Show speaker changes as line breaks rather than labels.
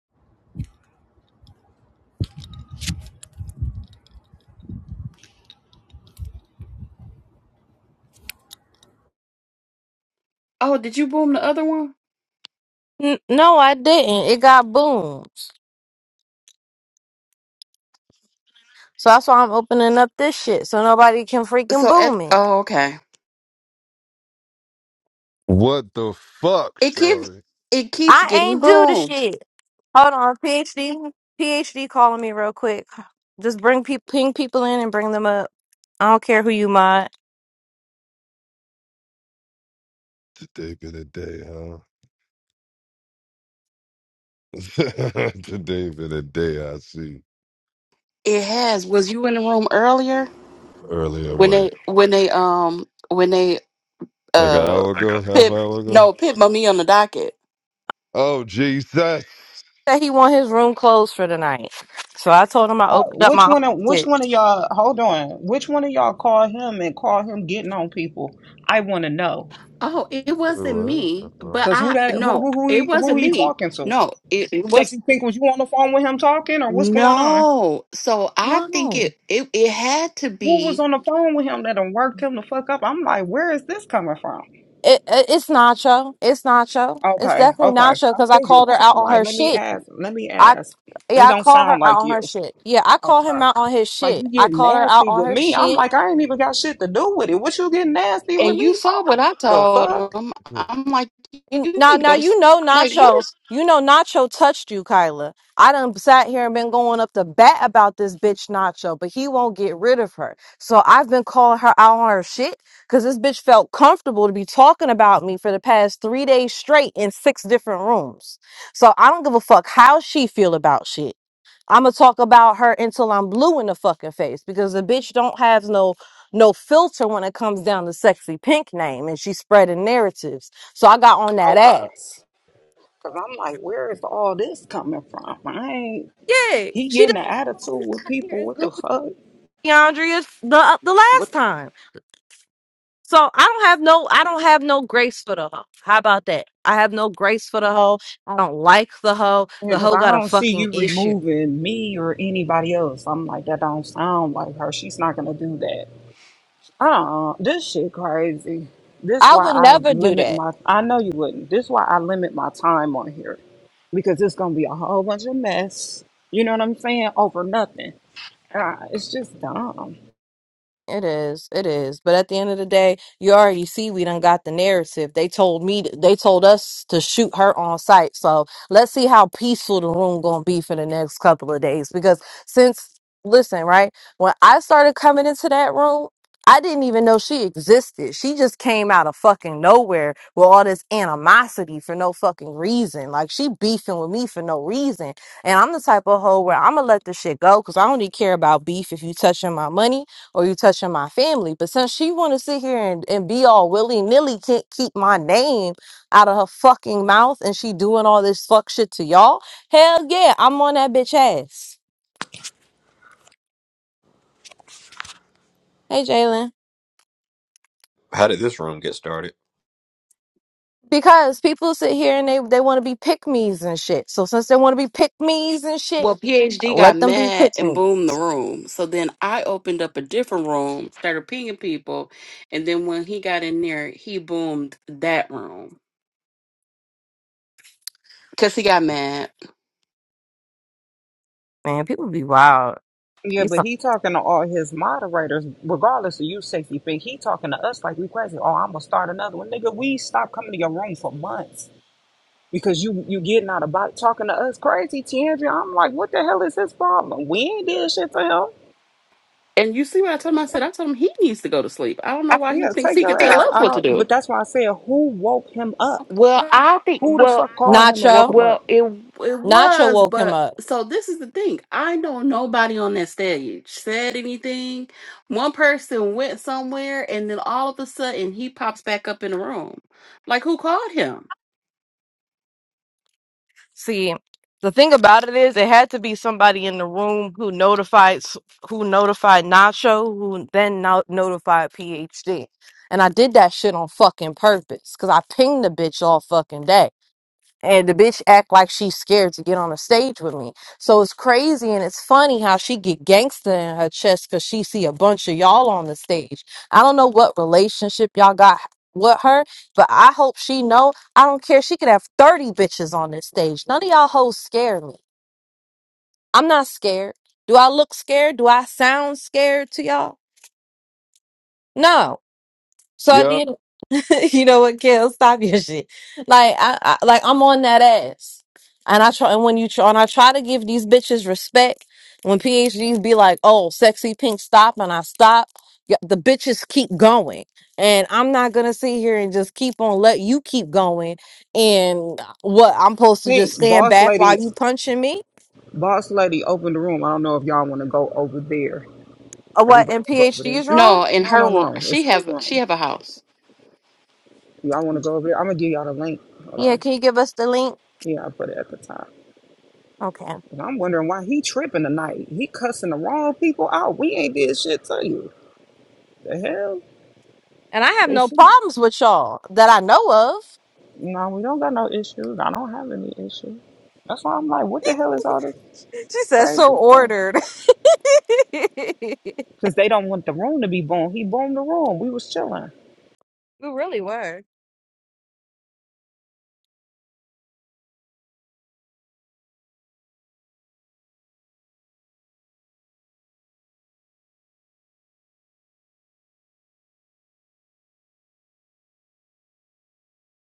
Oh, did you boom the other one?
N- No, I didn't. It got boomed. So that's why I'm opening up this shit so nobody can freaking
So at
boom it.
oh okay.
What the fuck,
It keeps
Shawty?
it keeps
I
getting
ain't do the
boomed.
shit. Hold on, PhD. PhD calling me real quick. Just bring pe- ping people in and bring them up. I don't care who you mod.
Today been a day, huh? Today been a day I see
It has. Was you in the room earlier
earlier
when
away.
they when they um when they
Like an
uh
hour
I
ago,
got-
half
pip
hour ago.
no pip me on the docket.
Oh Jesus.
Said he want his room closed for the night. So I told him I
Uh,
opened up
which
my
one
own
of which
shit.
one of y'all hold on which one of y'all call him and call him getting on people i want to know
Oh, it
Wait,
wasn't
what?
me,
Uh-uh.
but
because who
I
that who
no,
who who
it
he, who
wasn't
he
me.
talking to
No, it, it was
sexy pink was you on the phone with him talking or what's going on
no. So I
No,
think
no.
it, it it had to
who was
be.
on the phone with him that done worked him the fuck up i'm like where is this coming from
It, it, it's Nacho. It's Nacho. It's
okay
definitely
okay
Nacho
i
because I
figured
called her
that's why
out
i'm
on
like
her
let me
shit.
ask let me
I.
ask it
Yeah, I
don't
call her
sound
out
like
on her
you
shit. Yeah, I call
okay
him out on his
like
shit.
you
I
getting
call her out
nasty
on
with
her
me i'm
shit.
like i ain't even got shit to do with it what you getting nasty with
And you
me
saw
for
what I
the fuck
told him.
Hmm.
I'm like,
You-
you
Now,
need to go
now
to sleep.
you know
Like, what
Nacho.
is?
You know Nacho touched you, Kyla. I done sat here and been going up the bat about this bitch Nacho, but he won't get rid of her. So I've been calling her out on her shit because this bitch felt comfortable to be talking about me for the past three days straight in six different rooms. So I don't give a fuck how she feel about shit. I'ma talk about her until I'm blue in the fucking face because the bitch don't have no no filter when it comes down to sexy pink name and she's spreading narratives. So I got on that
Okay.
ass.
Because I'm like, where is all this coming from? I ain't,
Yeah,
he
she
getting
the
an
same one
attitude
who
with
got here
people.
and
What
grew
the
with
fuck?
DeAndrea the uh, the last
What?
time. So I don't have no I don't have no grace for the hoe. How about that? I have no grace for the hoe. I don't like the hoe. The
Because
hoe
I
got a
don't see
fucking
you
issue.
removing me or anybody else. I'm like, that don't sound like her. She's not going to do that. uh This shit crazy. This
I
why
would
I
never do
limit
that.
my, I know you wouldn't. This why I limit my time on here. Because it's going to be a whole bunch of mess. You know what I'm saying? Over nothing. Uh, it's just dumb.
It is, it is. But at the end of the day, you already see we done got the narrative. They told me, they told us to shoot her on site. So let's see how peaceful the room gonna be for the next couple of days. Because since, listen, right when I started coming into that room, I didn't even know she existed. She just came out of fucking nowhere with all this animosity for no fucking reason. Like she beefing with me for no reason. And I'm the type of hoe where I'm gonna let this shit go because I only care about beef if you touching my money or you touching my family. But since she want to sit here and, and be all willy nilly, can't keep my name out of her fucking mouth, and she doing all this fuck shit to y'all. Hell yeah, I'm on that bitch ass. Hey Jalen,
How did this room get started?
because people sit here and they they want to be pick me's and shit. So since they want to be pick me's and shit,
Well, PhD got
let them be
mad
pick
and
me.
boomed the room. So then I opened up a different room, started pinging people, and then when he got in there, he boomed that room because he got mad.
Man, people be wild.
Yeah,
He's
but
some-
he talking to all his moderators, regardless of you safety fake. He talking to us like we crazy. Oh, I'm gonna start another one, nigga. We stopped coming to your room for months because you you getting out about talking to us crazy, Tiandra. I'm like, what the hell is his problem? We ain't did shit to him.
And you see what I told him? I said I told him he needs to go to sleep. I don't know why he
Yeah,
thinks
take
he can
your
tell
ass.
us
I
what to
don't.
do.
But that's why I said, who woke him up?
Well, I think.
Who the
well.
fuck called him and woke
Nacho,
him up?
Well, it it
Nacho
was,
woke him
but
up.
so this is the thing. I know nobody on that stage said anything. One person went somewhere, and then all of a sudden he pops back up in the room. Like who called him?
See, the thing about it is, it had to be somebody in the room who notified, s- who notified Nacho, who then no- notified PhD. And I did that shit on fucking purpose because I pinged the bitch all fucking day and the bitch act like she's scared to get on a stage with me. So it's crazy and it's funny how she get gangster in her chest because she see a bunch of y'all on the stage. I don't know what relationship y'all got with her, but I hope she know. I don't care. She could have thirty bitches on this stage. None of y'all hoes scare me. I'm not scared. Do I look scared? Do I sound scared to y'all? No. So at
Yeah.
the end you know what, Kill? Stop your shit. Like I, I like I'm on that ass, and I try. And when you try, and I try to give these bitches respect. When PhDs be like, "Oh, sexy pink, stop," and I stop, y- the bitches keep going, and I'm not gonna sit here and just keep on let you keep going. And what I'm supposed to just
Pink
stand
boss
back while
lady,
you punching me,
boss lady opened the room. I don't know if y'all want to go over there.
or what?
Everybody
And
will go over
PhD
there.
is wrong.
No, in
No,
her
no,
room,
no. It's
she
her
have she
room.
have a house.
Y'all want to go over there? I'm gonna give y'all the link. Hold
Yeah,
on.
can you give us the link?
Yeah, I put it at the top.
Okay.
And I'm wondering why he tripping tonight. He cussing the wrong people out. We ain't did shit to you. The hell?
And I have
They
no
should.
problems with y'all that I know of.
No, we don't got no issues. I don't have any issues. That's why I'm like, what the hell is all this
She says so
crazy stuff?
ordered. we
Cause they don't want the room to be boom. He boomed the room. We was chilling.
really were.